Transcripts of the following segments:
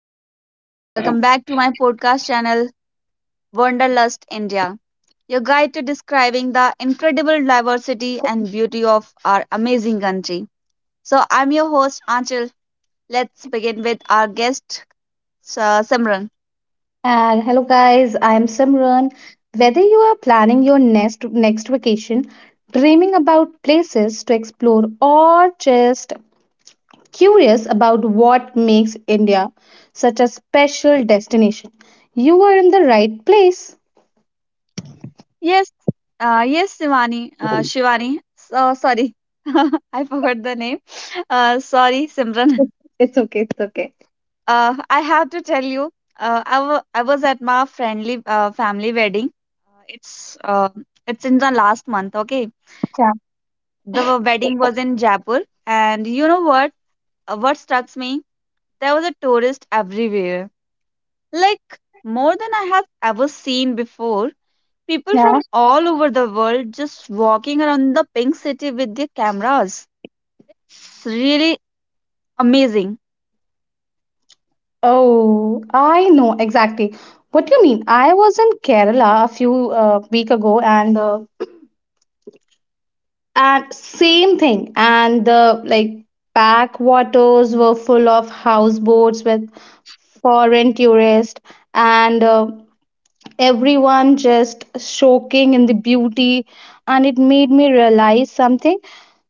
everyone, welcome back to my podcast channel Wanderlust India, your guide to describing the incredible diversity and beauty of our amazing country. So I'm your host Anchal. Let's begin with our guest Simran. And hello, guys. I am Simran. Whether you are planning your next vacation, dreaming about places to explore, or just curious about what makes India such a special destination, you are in the right place. Yes, yes, Shivani. Shivani. So sorry, I forgot the name. Sorry, Simran. It's okay. It's okay. I have to tell you, I was at my friendly family wedding. Uh, it's uh, it's in the last month. Okay, Yeah. the wedding was in Jaipur, and you know what? What struck me? There was a tourist everywhere, like more than I have ever seen before. People Yeah. from all over the world just walking around the pink city with their cameras. It's really amazing, Oh, I know exactly what you mean. I was in Kerala a few week ago, and and same thing. And the like backwaters were full of houseboats with foreign tourists, and everyone just soaking in the beauty. And it made me realize something.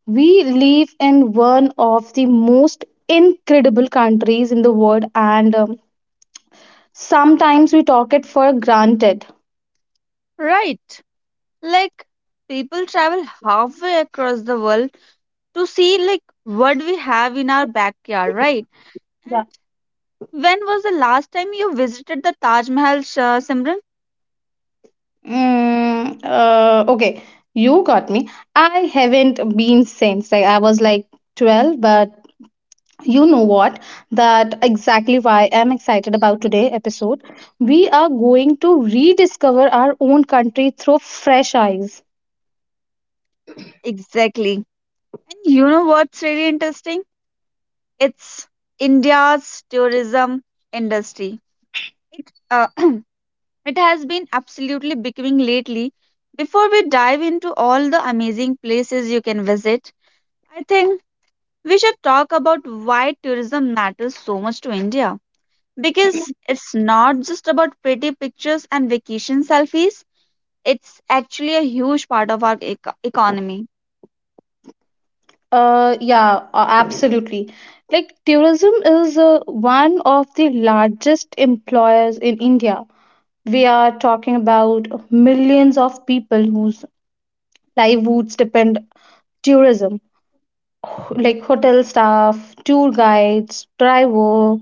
We live in one of the most incredible countries in the world, and sometimes we talk it for granted. right? Like people travel halfway across the world to see like what we have in our backyard, right? And when was the last time you visited the Taj Mahal, Shah Simran? Okay, you got me. I haven't been since. I was 12, but you know what? That exactly why I'm excited about today episode. We are going to rediscover our own country through fresh eyes. Exactly. And you know what's really interesting? It's India's tourism industry. It, uh, it has been absolutely becoming lately. Before we dive into all the amazing places you can visit, I think we should talk about why tourism matters so much to India. Because it's not just about pretty pictures and vacation selfies, it's actually a huge part of our economy. Yeah, absolutely. Like tourism is one of the largest employers in India. We are talking about millions of people whose livelihoods depend tourism like hotel staff, tour guides, driver,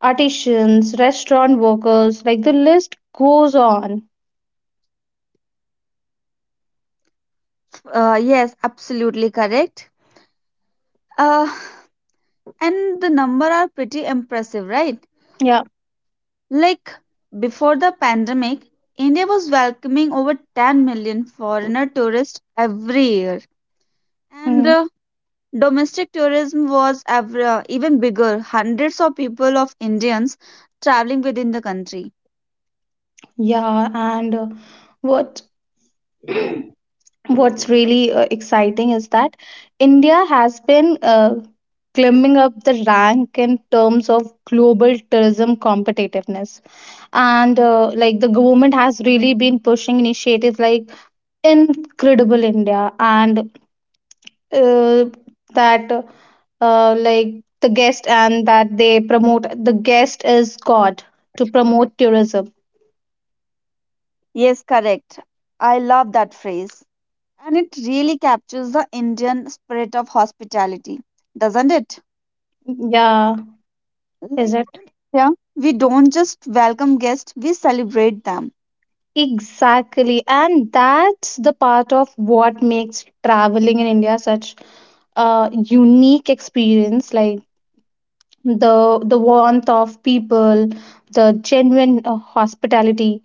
artisans, restaurant workers, like the list goes on. Yes, absolutely correct. uh, and the number are pretty impressive, right? Yeah. Like before the pandemic, India was welcoming over 10 million foreigner tourists every year, and Mhm. uh, domestic tourism was even bigger, hundreds of people of Indians traveling within the country. Yeah, and what what's really exciting is that India has been climbing up the rank in terms of global tourism competitiveness. And like the government has really been pushing initiatives like Incredible India and uh, that like the guest and that they promote the guest is god to promote tourism. Yes, correct. I love that phrase. And it really captures the Indian spirit of hospitality, doesn't it? Yeah, is Like it? in India, we don't just welcome guests, we celebrate them. Exactly, and that's the part of what makes traveling in India such a unique experience, like the the warmth of people, the genuine hospitality.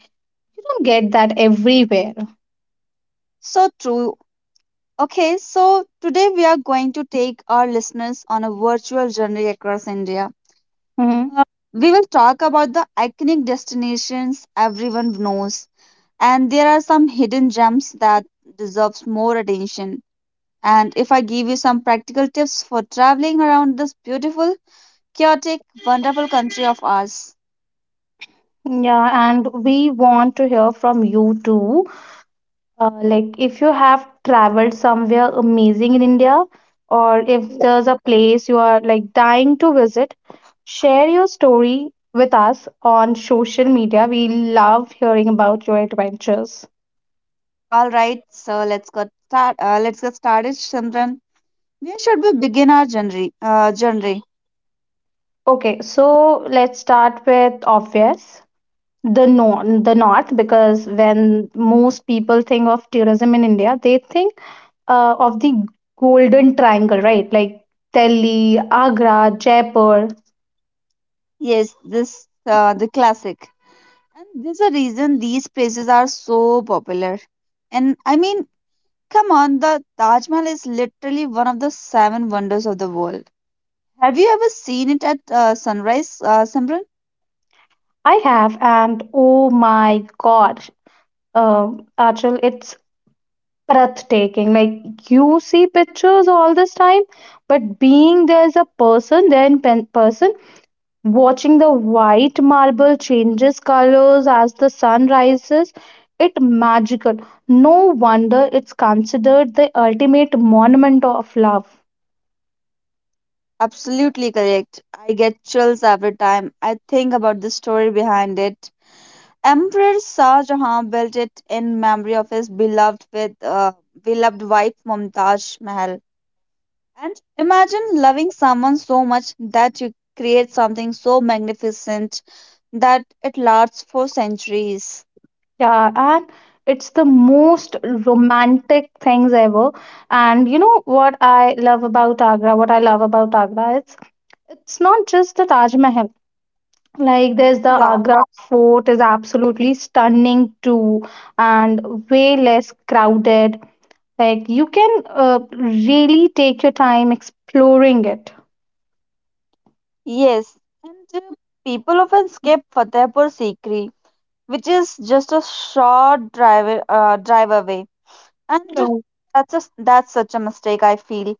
You don't get that everywhere. So true. Okay, so today we are going to take our listeners on a virtual journey across India. Hmm. Uh, we will talk about the iconic destinations everyone knows, and there are some hidden gems that deserves more attention. And if I give you some practical tips for traveling around this beautiful, chaotic, wonderful country of ours. Yeah, and we want to hear from you too. Like if you have traveled somewhere amazing in India, or if there's a place you are like dying to visit, share your story with us on social media. We love hearing about your adventures. All right, so let's get started, Simran. Where should we begin our journey? Okay, so let's start with obvious. The north, because when most people think of tourism in India, they think of the Golden Triangle, right? Like Delhi, Agra, Jaipur. Yes, this the classic. And there's a reason these places are so popular. And I mean, come on, the Taj Mahal is literally one of the seven wonders of the world. Have you ever seen it at sunrise, Simran? I have, and oh my God, uh, Achal, it's breathtaking. Like you see pictures all this time, but being there as a person, there in pen person, watching the white marble changes colors as the sun rises, it magical. No wonder it's considered the ultimate monument of love. Absolutely correct. I get chills every time I think about the story behind it. Emperor Shah Jahan built it in memory of his beloved wife Mumtaz Mahal. And imagine loving someone so much that you create something so magnificent that it lasts for centuries. Yeah, and it's the most romantic things ever. And you know what I love about Agra? What I love about Agra is it's not just the Taj Mahal. Like there's the Yeah. Agra Fort is absolutely stunning too, and way less crowded. Like you can really take your time exploring it. Yes. And uh, people often skip Fatehpur Sikri, which is just a short drive away, and that's a, that's such a mistake, I feel,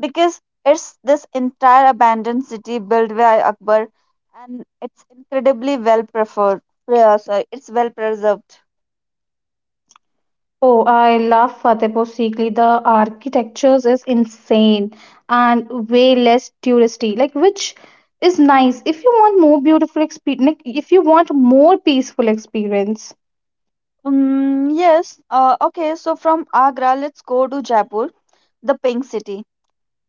because it's this entire abandoned city built by Akbar, and it's incredibly well preferred. Yeah, sorry, it's well preserved. Oh, I love Fatehpur Sikri. The architectures is insane and way less touristy, like which is nice if you want more beautiful experience, like if you want more peaceful experience. Yes, okay, so from Agra, let's go to Jaipur, the pink city.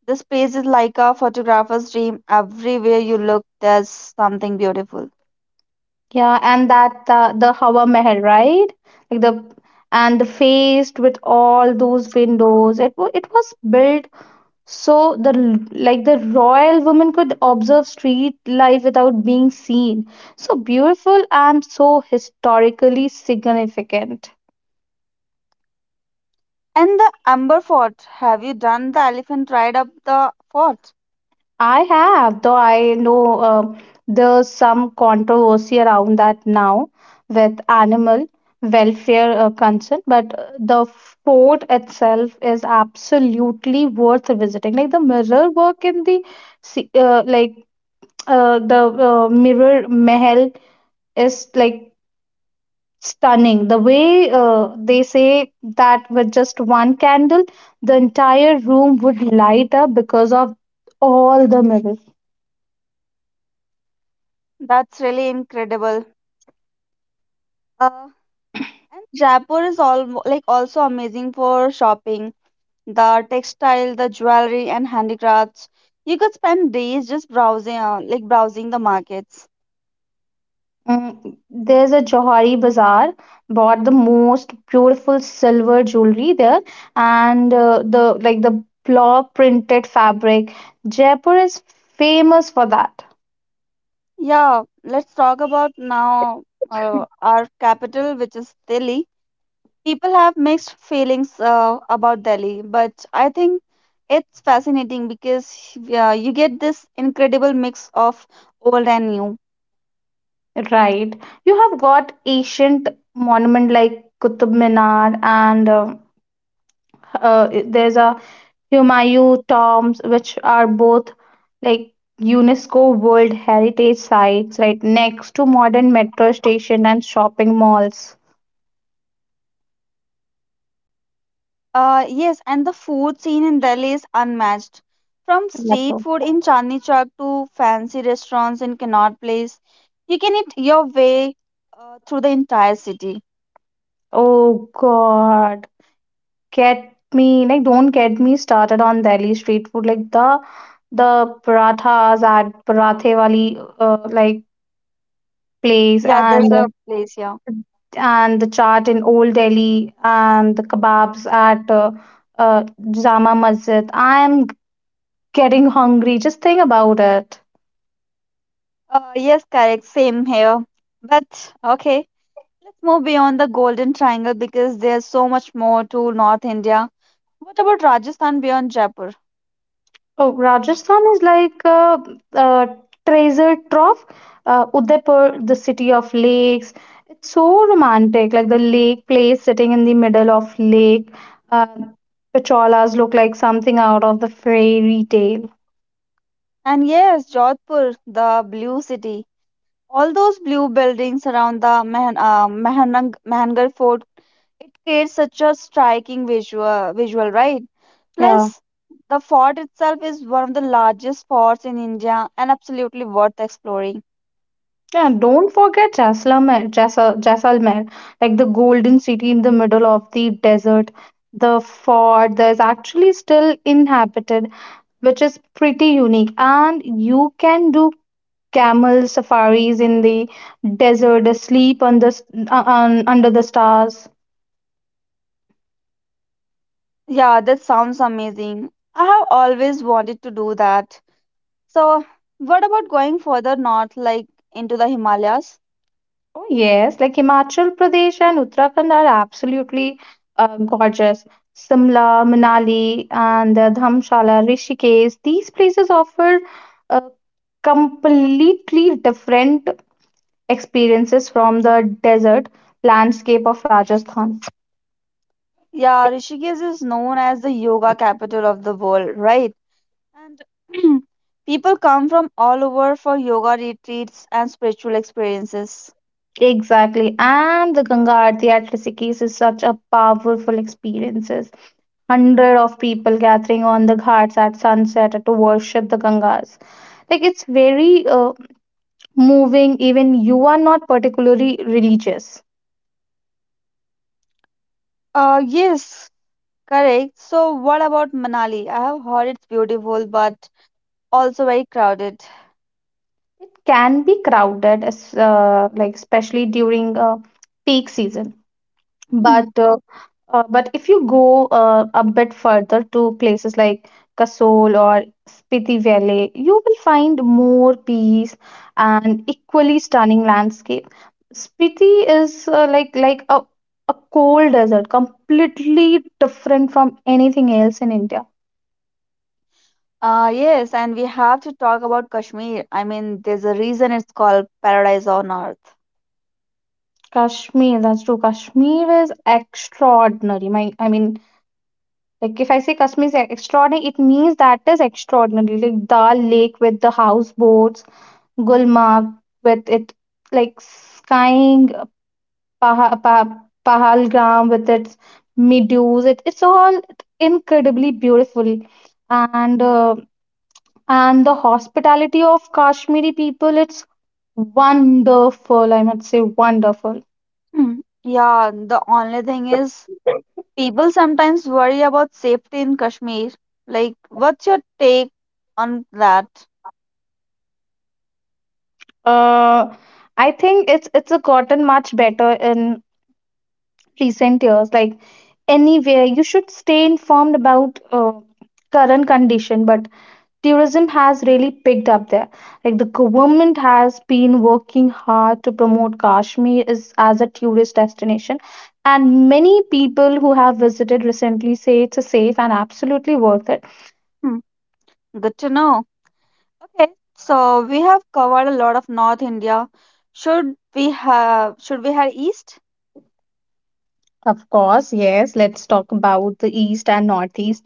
This place is like a photographer's dream, everywhere you look there's something beautiful. Yeah, and that the Hawa Mahal, right? Like the and the faced with all those windows. It was built. So the like the royal woman could observe street life without being seen. So beautiful and so historically significant. And the Amber Fort. Have you done the elephant ride up the fort? I have, though I know there's some controversy around that now with animal welfare concern, but the fort itself is absolutely worth visiting. Like the mirror work in the se- uh, like mirror Mahal is like stunning. The way they say that with just one candle, the entire room would light up because of all the mirrors. That's really incredible. Uh, And Jaipur is all like also amazing for shopping. The textile, the jewelry, and handicrafts. You could spend days just browsing the markets. There's a Johari Bazaar, bought the most beautiful silver jewelry there, and the claw printed fabric. Jaipur is famous for that. Yeah, let's talk about now our capital, which is Delhi. People have mixed feelings about Delhi, but I think it's fascinating because you get this incredible mix of old and new. Right. You have got ancient monument like Qutub Minar and there's a Humayu tombs, which are both like UNESCO World Heritage Sites, right next to modern metro station and shopping malls. Yes, and the food scene in Delhi is unmatched. From That's... street food in Chandni Chowk to fancy restaurants in Connaught Place, you can eat your way through the entire city. oh God, get me like don't get me started on Delhi street food. Like the parathas at Parathe Wali like place Yeah, there's a place here. and the chaat in Old Delhi and the kebabs at uh, Jama Masjid. I am getting hungry, just think about it. Yes, correct. Same here. But okay, let's move beyond the Golden Triangle because there's so much more to North India. What about Rajasthan beyond Jaipur? Oh, Rajasthan is like a treasure trove. Udaipur, the city of lakes. It's so romantic, like the lake place sitting in the middle of lake. Uh, Pacholas look like something out of the fairy tale. And yes, Jodhpur, the blue city. All those blue buildings around the Mahangar Fort, it creates such a striking visual, right? Yeah. Plus, the fort itself is one of the largest forts in India and absolutely worth exploring. Yeah, don't forget Jaisalmer, Jaisalmer, like the golden city in the middle of the desert. The fort, there's actually still inhabited, which is pretty unique. And you can do camel safaris in the desert, sleep on under the stars. Yeah, that sounds amazing. I have always wanted to do that. So, what about going further north, like into the Himalayas? Oh, yes, like Himachal Pradesh and Uttarakhand are absolutely gorgeous. Simla, Manali, and the Dhamshala, Rishikesh, these places offer uh, completely different experiences from the desert landscape of Rajasthan. Yeah, Rishikesh is known as the yoga capital of the world, right? And people come from all over for yoga retreats and spiritual experiences. Exactly. And the Ganga Aarti at Rishikesh is such a powerful experiences. Hundred of people gathering on the ghats at sunset to worship the Gangas. Like it's very moving. Even you are not particularly religious. Yes, correct. So, what about Manali? I have heard it's beautiful, but also very crowded. It can be crowded, as like especially during peak season. Hmm. But uh, but if you go a bit further to places like Kasol or Spiti Valley, you will find more peace and equally stunning landscape. Spiti is like a cold desert, completely different from anything else in India. Yes, and we have to talk about Kashmir. I mean, there's a reason it's called paradise on earth. Kashmir, that's true. Kashmir is extraordinary. I mean, like if I say Kashmir is extraordinary, it means that is extraordinary. Like Dal Lake with the houseboats, Gulmarg with it like skying, Pahalgam with its meadows. It's all incredibly beautiful, and uh, and the hospitality of Kashmiri people. It's wonderful. I must say wonderful. Hmm. Yeah, the only thing is, people sometimes worry about safety in Kashmir. Like, what's your take on that? Uh, I think it's gotten much better in recent years. Like anywhere, you should stay informed about current condition, but tourism has really picked up there. Like the government has been working hard to promote Kashmir as a tourist destination, and many people who have visited recently say it's a safe and absolutely worth it. Hmm. Good to know. Okay, so we have covered a lot of North India. Should we head east? Of course, yes, let's talk about the east and northeast.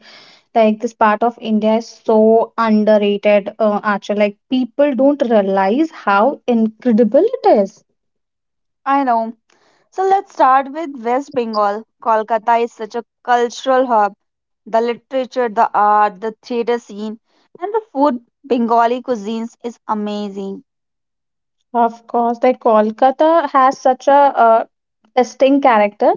Like this part of India is so underrated, actually. Like people don't realize how incredible it is. I know. So let's start with West Bengal. Kolkata is such a cultural hub. The literature, the art, the theater scene, and the food. Bengali cuisines is amazing. Of course, like Kolkata has such a uh, distinct character.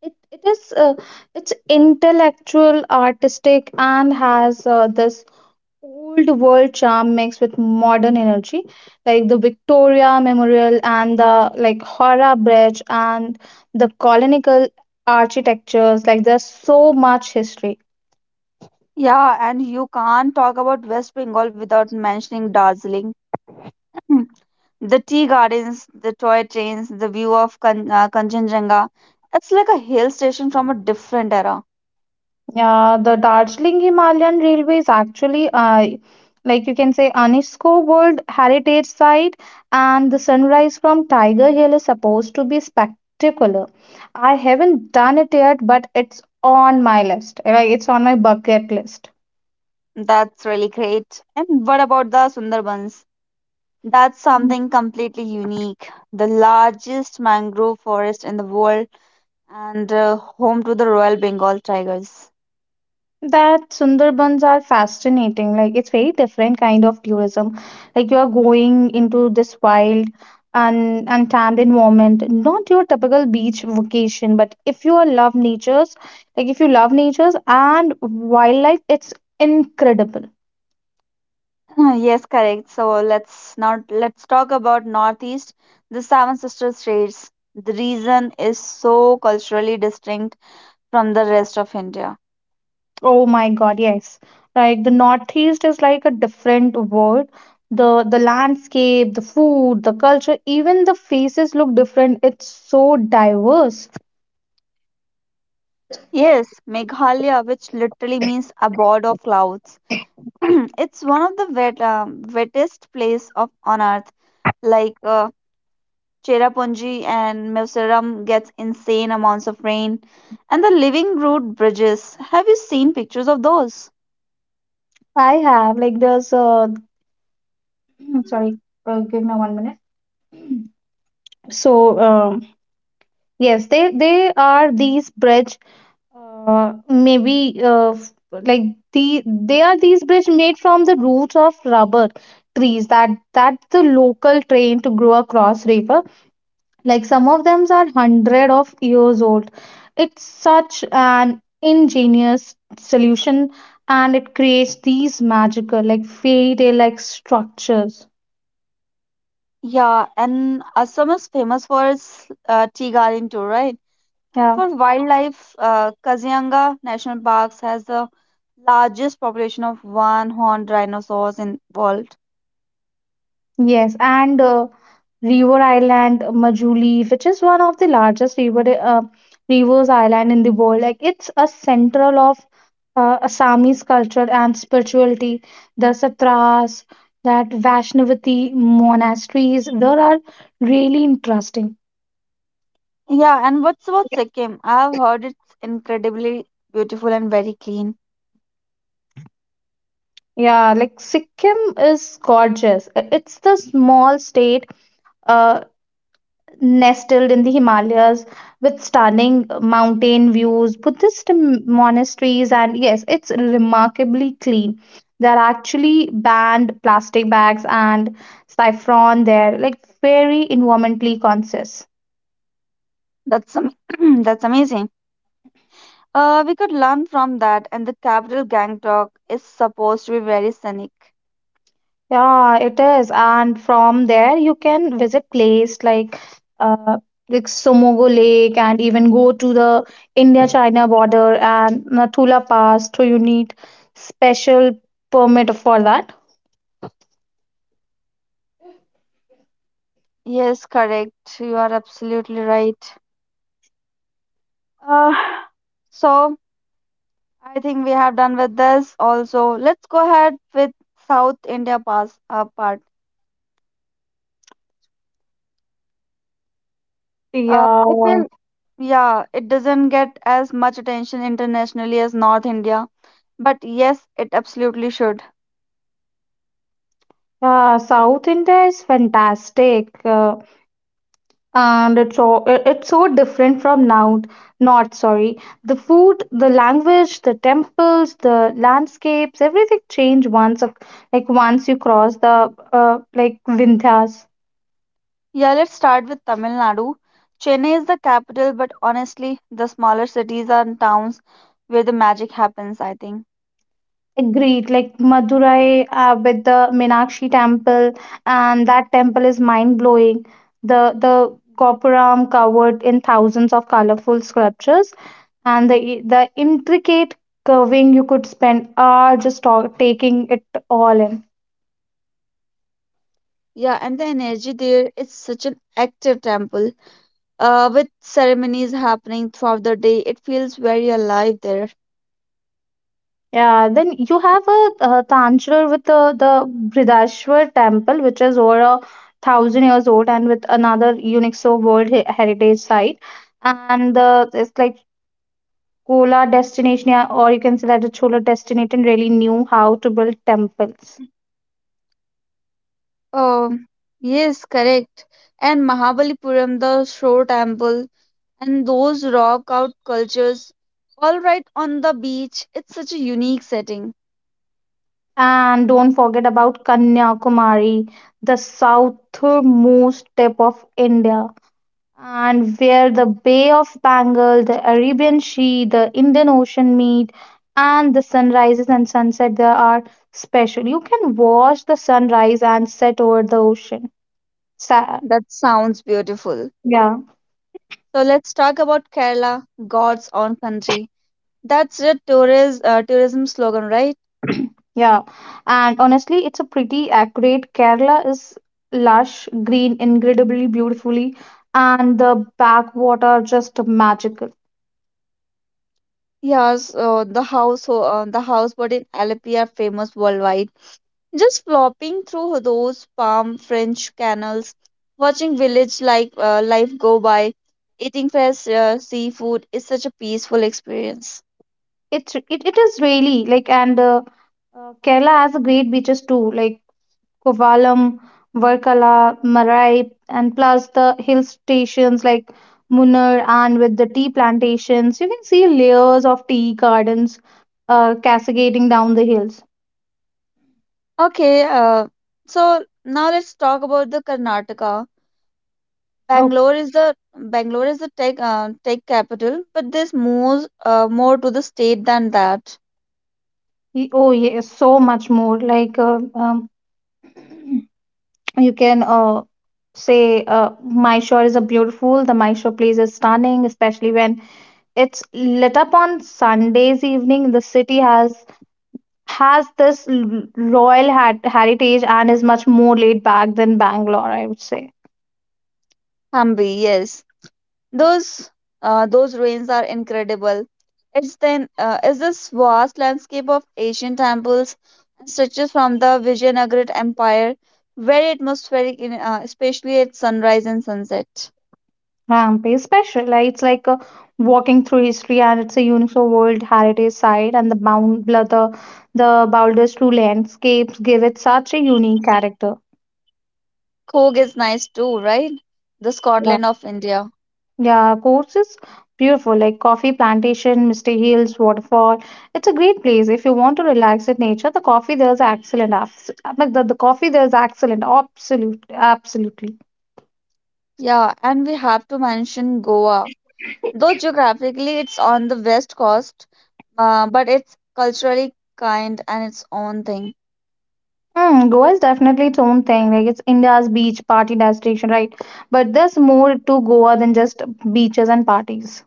It is it's intellectual, artistic, and has this old world charm mixed with modern energy, like the Victoria Memorial and the like Howrah Bridge and the colonial architectures. Like there's so much history. Yeah, and you can't talk about West Bengal without mentioning Darjeeling. Mm. The tea gardens, the toy trains, the view of Kanchenjunga. It's like a hill station from a different era. Yeah, the Darjeeling Himalayan Railway is actually, like you can say, UNESCO World Heritage Site, and the sunrise from Tiger Hill is supposed to be spectacular. I haven't done it yet, but it's on my list. Like, it's on my bucket list. That's really great. And what about the Sundarbans? That's something completely unique. The largest mangrove forest in the world, and home to the Royal Bengal tigers. That Sundarbans are fascinating. Like it's very different kind of tourism. Like you are going into this wild and untamed environment, not your typical beach vacation. But if you are love natures, like if you love natures and wildlife, it's incredible. Yes, correct. So let's now let's talk about Northeast, the Seven Sister states. The region is so culturally distinct from the rest of India. Oh my God, yes. Like the Northeast is like a different world. The landscape, the food, the culture, even the faces look different. It's so diverse. Yes, Meghalaya, which literally means abode of clouds, it's one of the wettest place of on earth. Like Cherrapunji and Meusaram gets insane amounts of rain, and the living root bridges. Have you seen pictures of those? I have, like there's sorry, give me 1 minute. So um yes, they are these bridge maybe f- like the they are these bridge made from the roots of rubber trees that the local train to grow across river. Like some of them are hundred of years old. It's such an ingenious solution and it creates these magical like fairy tale like structures. Yeah, and Assam is famous for its tea garden too, right? And Yeah. for wildlife, Kazianga National Parks has the largest population of one-horned rhinoceros in world. Yes, and River Island, Majuli, which is one of the largest rivers island in the world. Like it's a central of Assamese culture and spirituality. The satras, that Vaishnavati monasteries, there are really interesting. Yeah, and what's about Sikkim? I've heard it's incredibly beautiful and very clean. Yeah, like Sikkim is gorgeous. It's the small state uh, nestled in the Himalayas with stunning mountain views, Buddhist monasteries, and yes, it's remarkably clean. There are actually banned plastic bags and saffron there, like very environmentally conscious. That's am- that's amazing. We could learn from that, and the capital Gangtok is supposed to be very scenic. Yeah, it is. And from there, you can visit places like uh, like Somogo Lake, and even go to the India-China border and Nathula Pass. To you need special permit for that. Yes, correct. You are absolutely right. Uh, so I think we have done with this. Also, let's go ahead with South India pass part. Yeah, I feel, yeah, it doesn't get as much attention internationally as North India. But yes, it absolutely should. yeah, South India is fantastic, and it's so it's so different from now. North, sorry, the food, the language, the temples, the landscapes, everything change once, once you cross the Vindhyas. Yeah, let's start with Tamil Nadu. Chennai is the capital, but honestly, the smaller cities and towns where the magic happens, I think. Agreed, like Madurai with the Meenakshi temple, and that temple is mind blowing. The Gopuram covered in thousands of colorful sculptures and the intricate curving, you could spend hours just taking it all in. Yeah, and the energy there is such an active temple. With ceremonies happening throughout the day, it feels very alive there. Yeah, then you have a Tanjore with the Bridashwar temple, which is over 1,000 years old, and with another UNESCO world heritage site. And the, it's like Kola destination. Yeah, or you can say that the Chola destination really knew how to build temples. Um, yes, correct. And Mahabalipuram, the shore temple, and those rock out cultures, all right on the beach, it's such a unique setting. And don't forget about Kanyakumari, the southernmost tip of India, and where the Bay of Bengal, the Arabian Sea, the Indian Ocean meet, and the sunrises and sunset there are special. You can watch the sunrise and set over the ocean. Sa- That sounds beautiful. yeah, So let's talk about Kerala, God's own country. That's the tourist tourism slogan, right? yeah. And honestly, it's a pretty accurate. Kerala is lush, green, incredibly beautifully, and the backwater are just magical. Yes, the houseboat in Alleppey are famous worldwide. Just flopping through those palm French canals, watching village like life go by, eating fresh seafood is such a peaceful experience. It is really like, and Kerala has a great beaches too, like Kovalam, Varkala, Marai, and plus the hill stations like Munnar, and with the tea plantations, you can see layers of tea gardens cascading down the hills. Okay, so now let's talk about the Karnataka. Oh, Bangalore is the tech capital, but there's more to the state than that. Oh yes, so much more. Like you can say, Mysore is a beautiful. The Mysore place is stunning, especially when it's lit up on Sundays evening. The city has this royal heritage and is much more laid back than Bangalore, I would say. Hampi, yes, those those ruins are incredible. It's then, is this vast landscape of Asian temples and stretches from the Vijayanagara Empire, very atmospheric, especially at sunrise and sunset. Hampi is special. Like, it's like a walking through history, and it's a UNESCO World Heritage Site, and the bound bla- the boulders, two landscapes give it such a unique character. Kog is nice too, right? The Yeah, Scotland of India. yeah, course is beautiful. Like coffee plantation, Misty Hills, waterfall. It's a great place if you want to relax in nature. The coffee there is excellent. Like the coffee there is excellent. Absolutely. Yeah, and we have to mention Goa. Though geographically it's on the west coast, but it's culturally kind and its own thing. Mm, Goa is definitely its own thing. Like it's India's beach party destination, right? But there's more to Goa than just beaches and parties.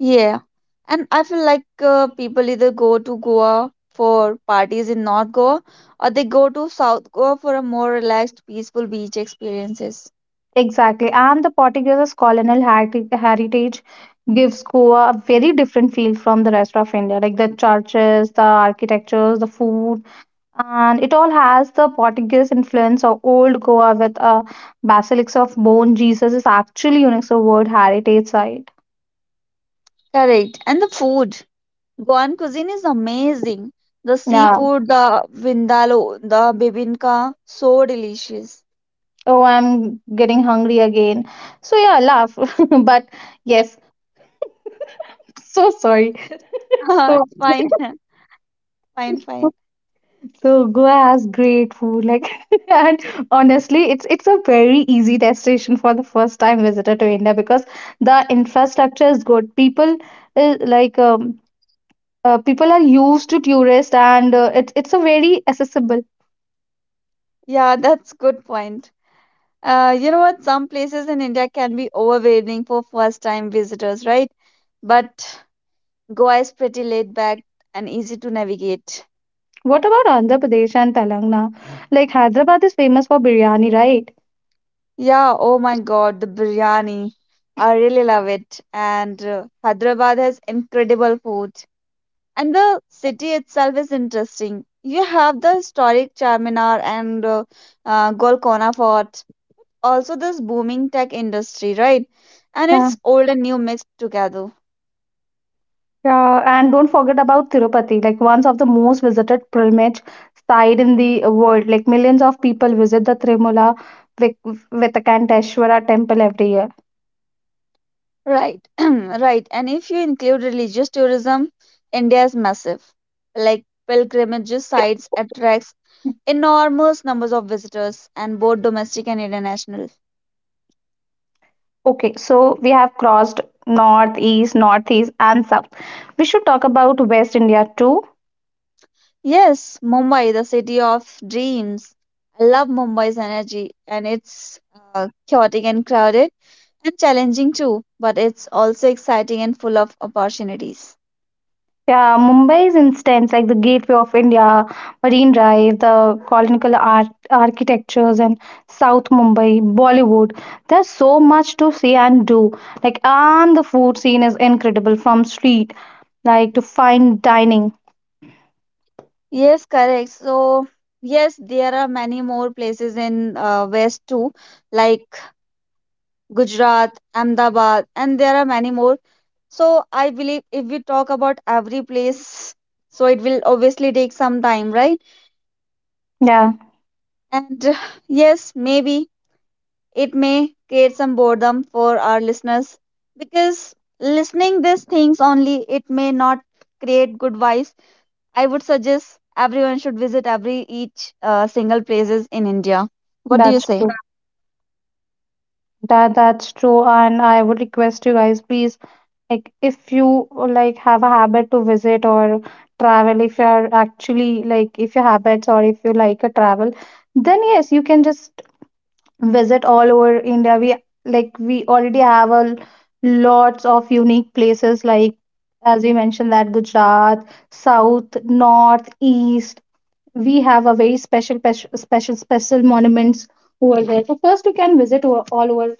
Yeah. And I feel like people either go to Goa for parties in North Goa, or they go to South Goa for a more relaxed, peaceful beach experiences. Exactly. And the Portuguese colonial heritage gives Goa a very different feel from the rest of India. Like the churches, the architectures, the food, and it all has the Portuguese influence of old Goa, with a basilics of bone. Jesus is actually UNESCO World Heritage Site. Correct. And the food. Goan cuisine is amazing. The Yeah. seafood, the vindaloo, the bibinka, so delicious. Oh, I'm getting hungry again, so yeah, laugh, but yes, so sorry, so, It's fine. Fine, fine. so Goa has great food, like, and honestly, it's a very easy destination for the first time visitor to India, because the infrastructure is good, people like, people are used to tourists, and it's a very accessible. Yeah, that's good point. You know what? Some places in India can be overwhelming for first time visitors, right? But Goa is pretty laid back and easy to navigate. What about Andhra Pradesh and Telangana, like Hyderabad is famous for biryani, right? Yeah, oh my god, the biryani. I really love it. And Hyderabad has incredible food. And the city itself is interesting. You have the historic Charminar and Golconda Fort. Also, this booming tech industry, right? And Yeah. it's old and new mixed together. Yeah, and don't forget about Tirupati, like one of the most visited pilgrimage site in the world. Like millions of people visit the Trimula Vik- Venkateshwara temple every year. Right, right. And if you include religious tourism, India is massive. Like pilgrimages sites attracts enormous numbers of visitors, and both domestic and international. Okay, so we have crossed north, east, northeast, and south. We should talk about West India too. Yes, Mumbai, the city of dreams. I love Mumbai's energy, and it's chaotic and crowded and challenging too, but it's also exciting and full of opportunities. Yeah, Mumbai's instance, like the Gateway of India, Marine Drive, the colonial art, architectures, and South Mumbai, Bollywood. There's so much to see and do. Like, and the food scene is incredible, from street, like, to fine dining. Yes, correct. So, yes, there are many more places in West too, like Gujarat, Ahmedabad, and there are many more. So I believe if we talk about every place, so it will obviously take some time, right? Yeah, And yes, maybe it may create some boredom for our listeners, because listening these things only, it may not create good vibes. I would suggest everyone should visit every each single places in India. What do you that's say? true. That's true, and I would request you guys, please, like, if you like have a habit to visit or travel, if you are actually like, if you habits or if you like a travel, then yes, you can just visit all over India. We, like, we already have a lots of unique places, like as we mentioned, that Gujarat, South, North, East. We have a very special special special special monuments over there. So first you can visit all over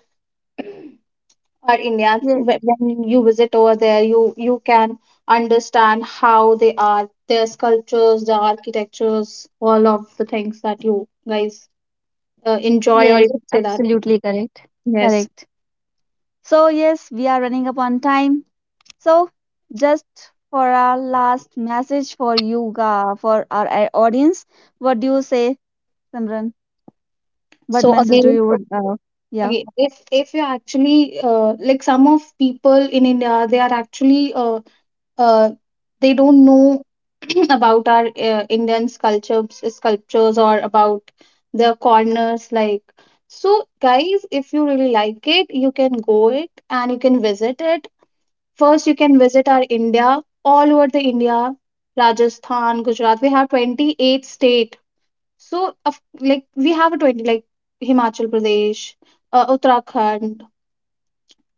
our India. Yes, When you visit over there, you can understand how they are, their sculptures, the architectures, all of the things that you guys enjoy, or you yes, could say that. absolutely correct. Yes. Correct. So, yes, we are running up on time. So, just for our last message for you, for our audience, what do you say, Simran? What So message do again, you would, yeah? okay, if you actually like some of people in India, they are actually uh, they don't know about our Indian sculptures, or about the corners. Like, so guys, if you really like it, you can go it and you can visit it. First, you can visit our India, all over the India, Rajasthan, Gujarat. We have 28 state, so, of like we have a 20, like Himachal Pradesh, Uttarakhand,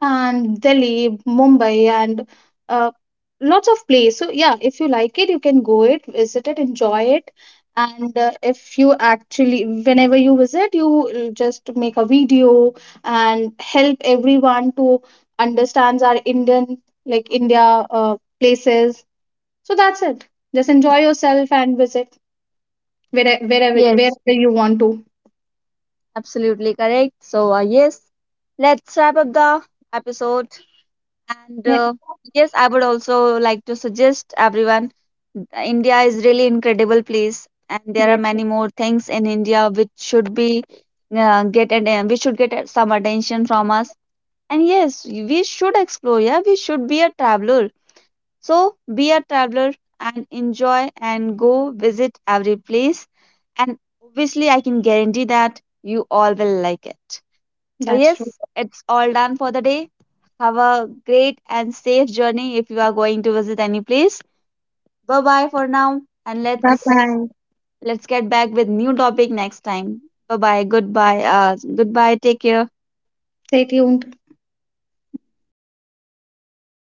and Delhi, Mumbai, and uh, lots of place. So yeah, if you like it, you can go it, visit it, enjoy it. And if you actually, whenever you visit, you just make a video and help everyone to understands our Indian, like India places. So that's it. Just enjoy yourself and visit where wherever Yes, wherever you want to. absolutely correct. So, yes, let's wrap up the episode. And yes, I would also like to suggest everyone, India is really incredible place, and there are That's, many more things in India which should be get, and we should get some attention from us. And yes, we should explore. Yeah, we should be a traveler. So be a traveler and enjoy and go visit every place. And obviously, I can guarantee that you all will like it. So, that's true. yes, it's all done for the day. Have a great and safe journey if you are going to visit any place. Bye bye for now, and Bye let's bye. let's get back with new topic next time. Bye bye. Goodbye. Goodbye. Take care. Stay tuned.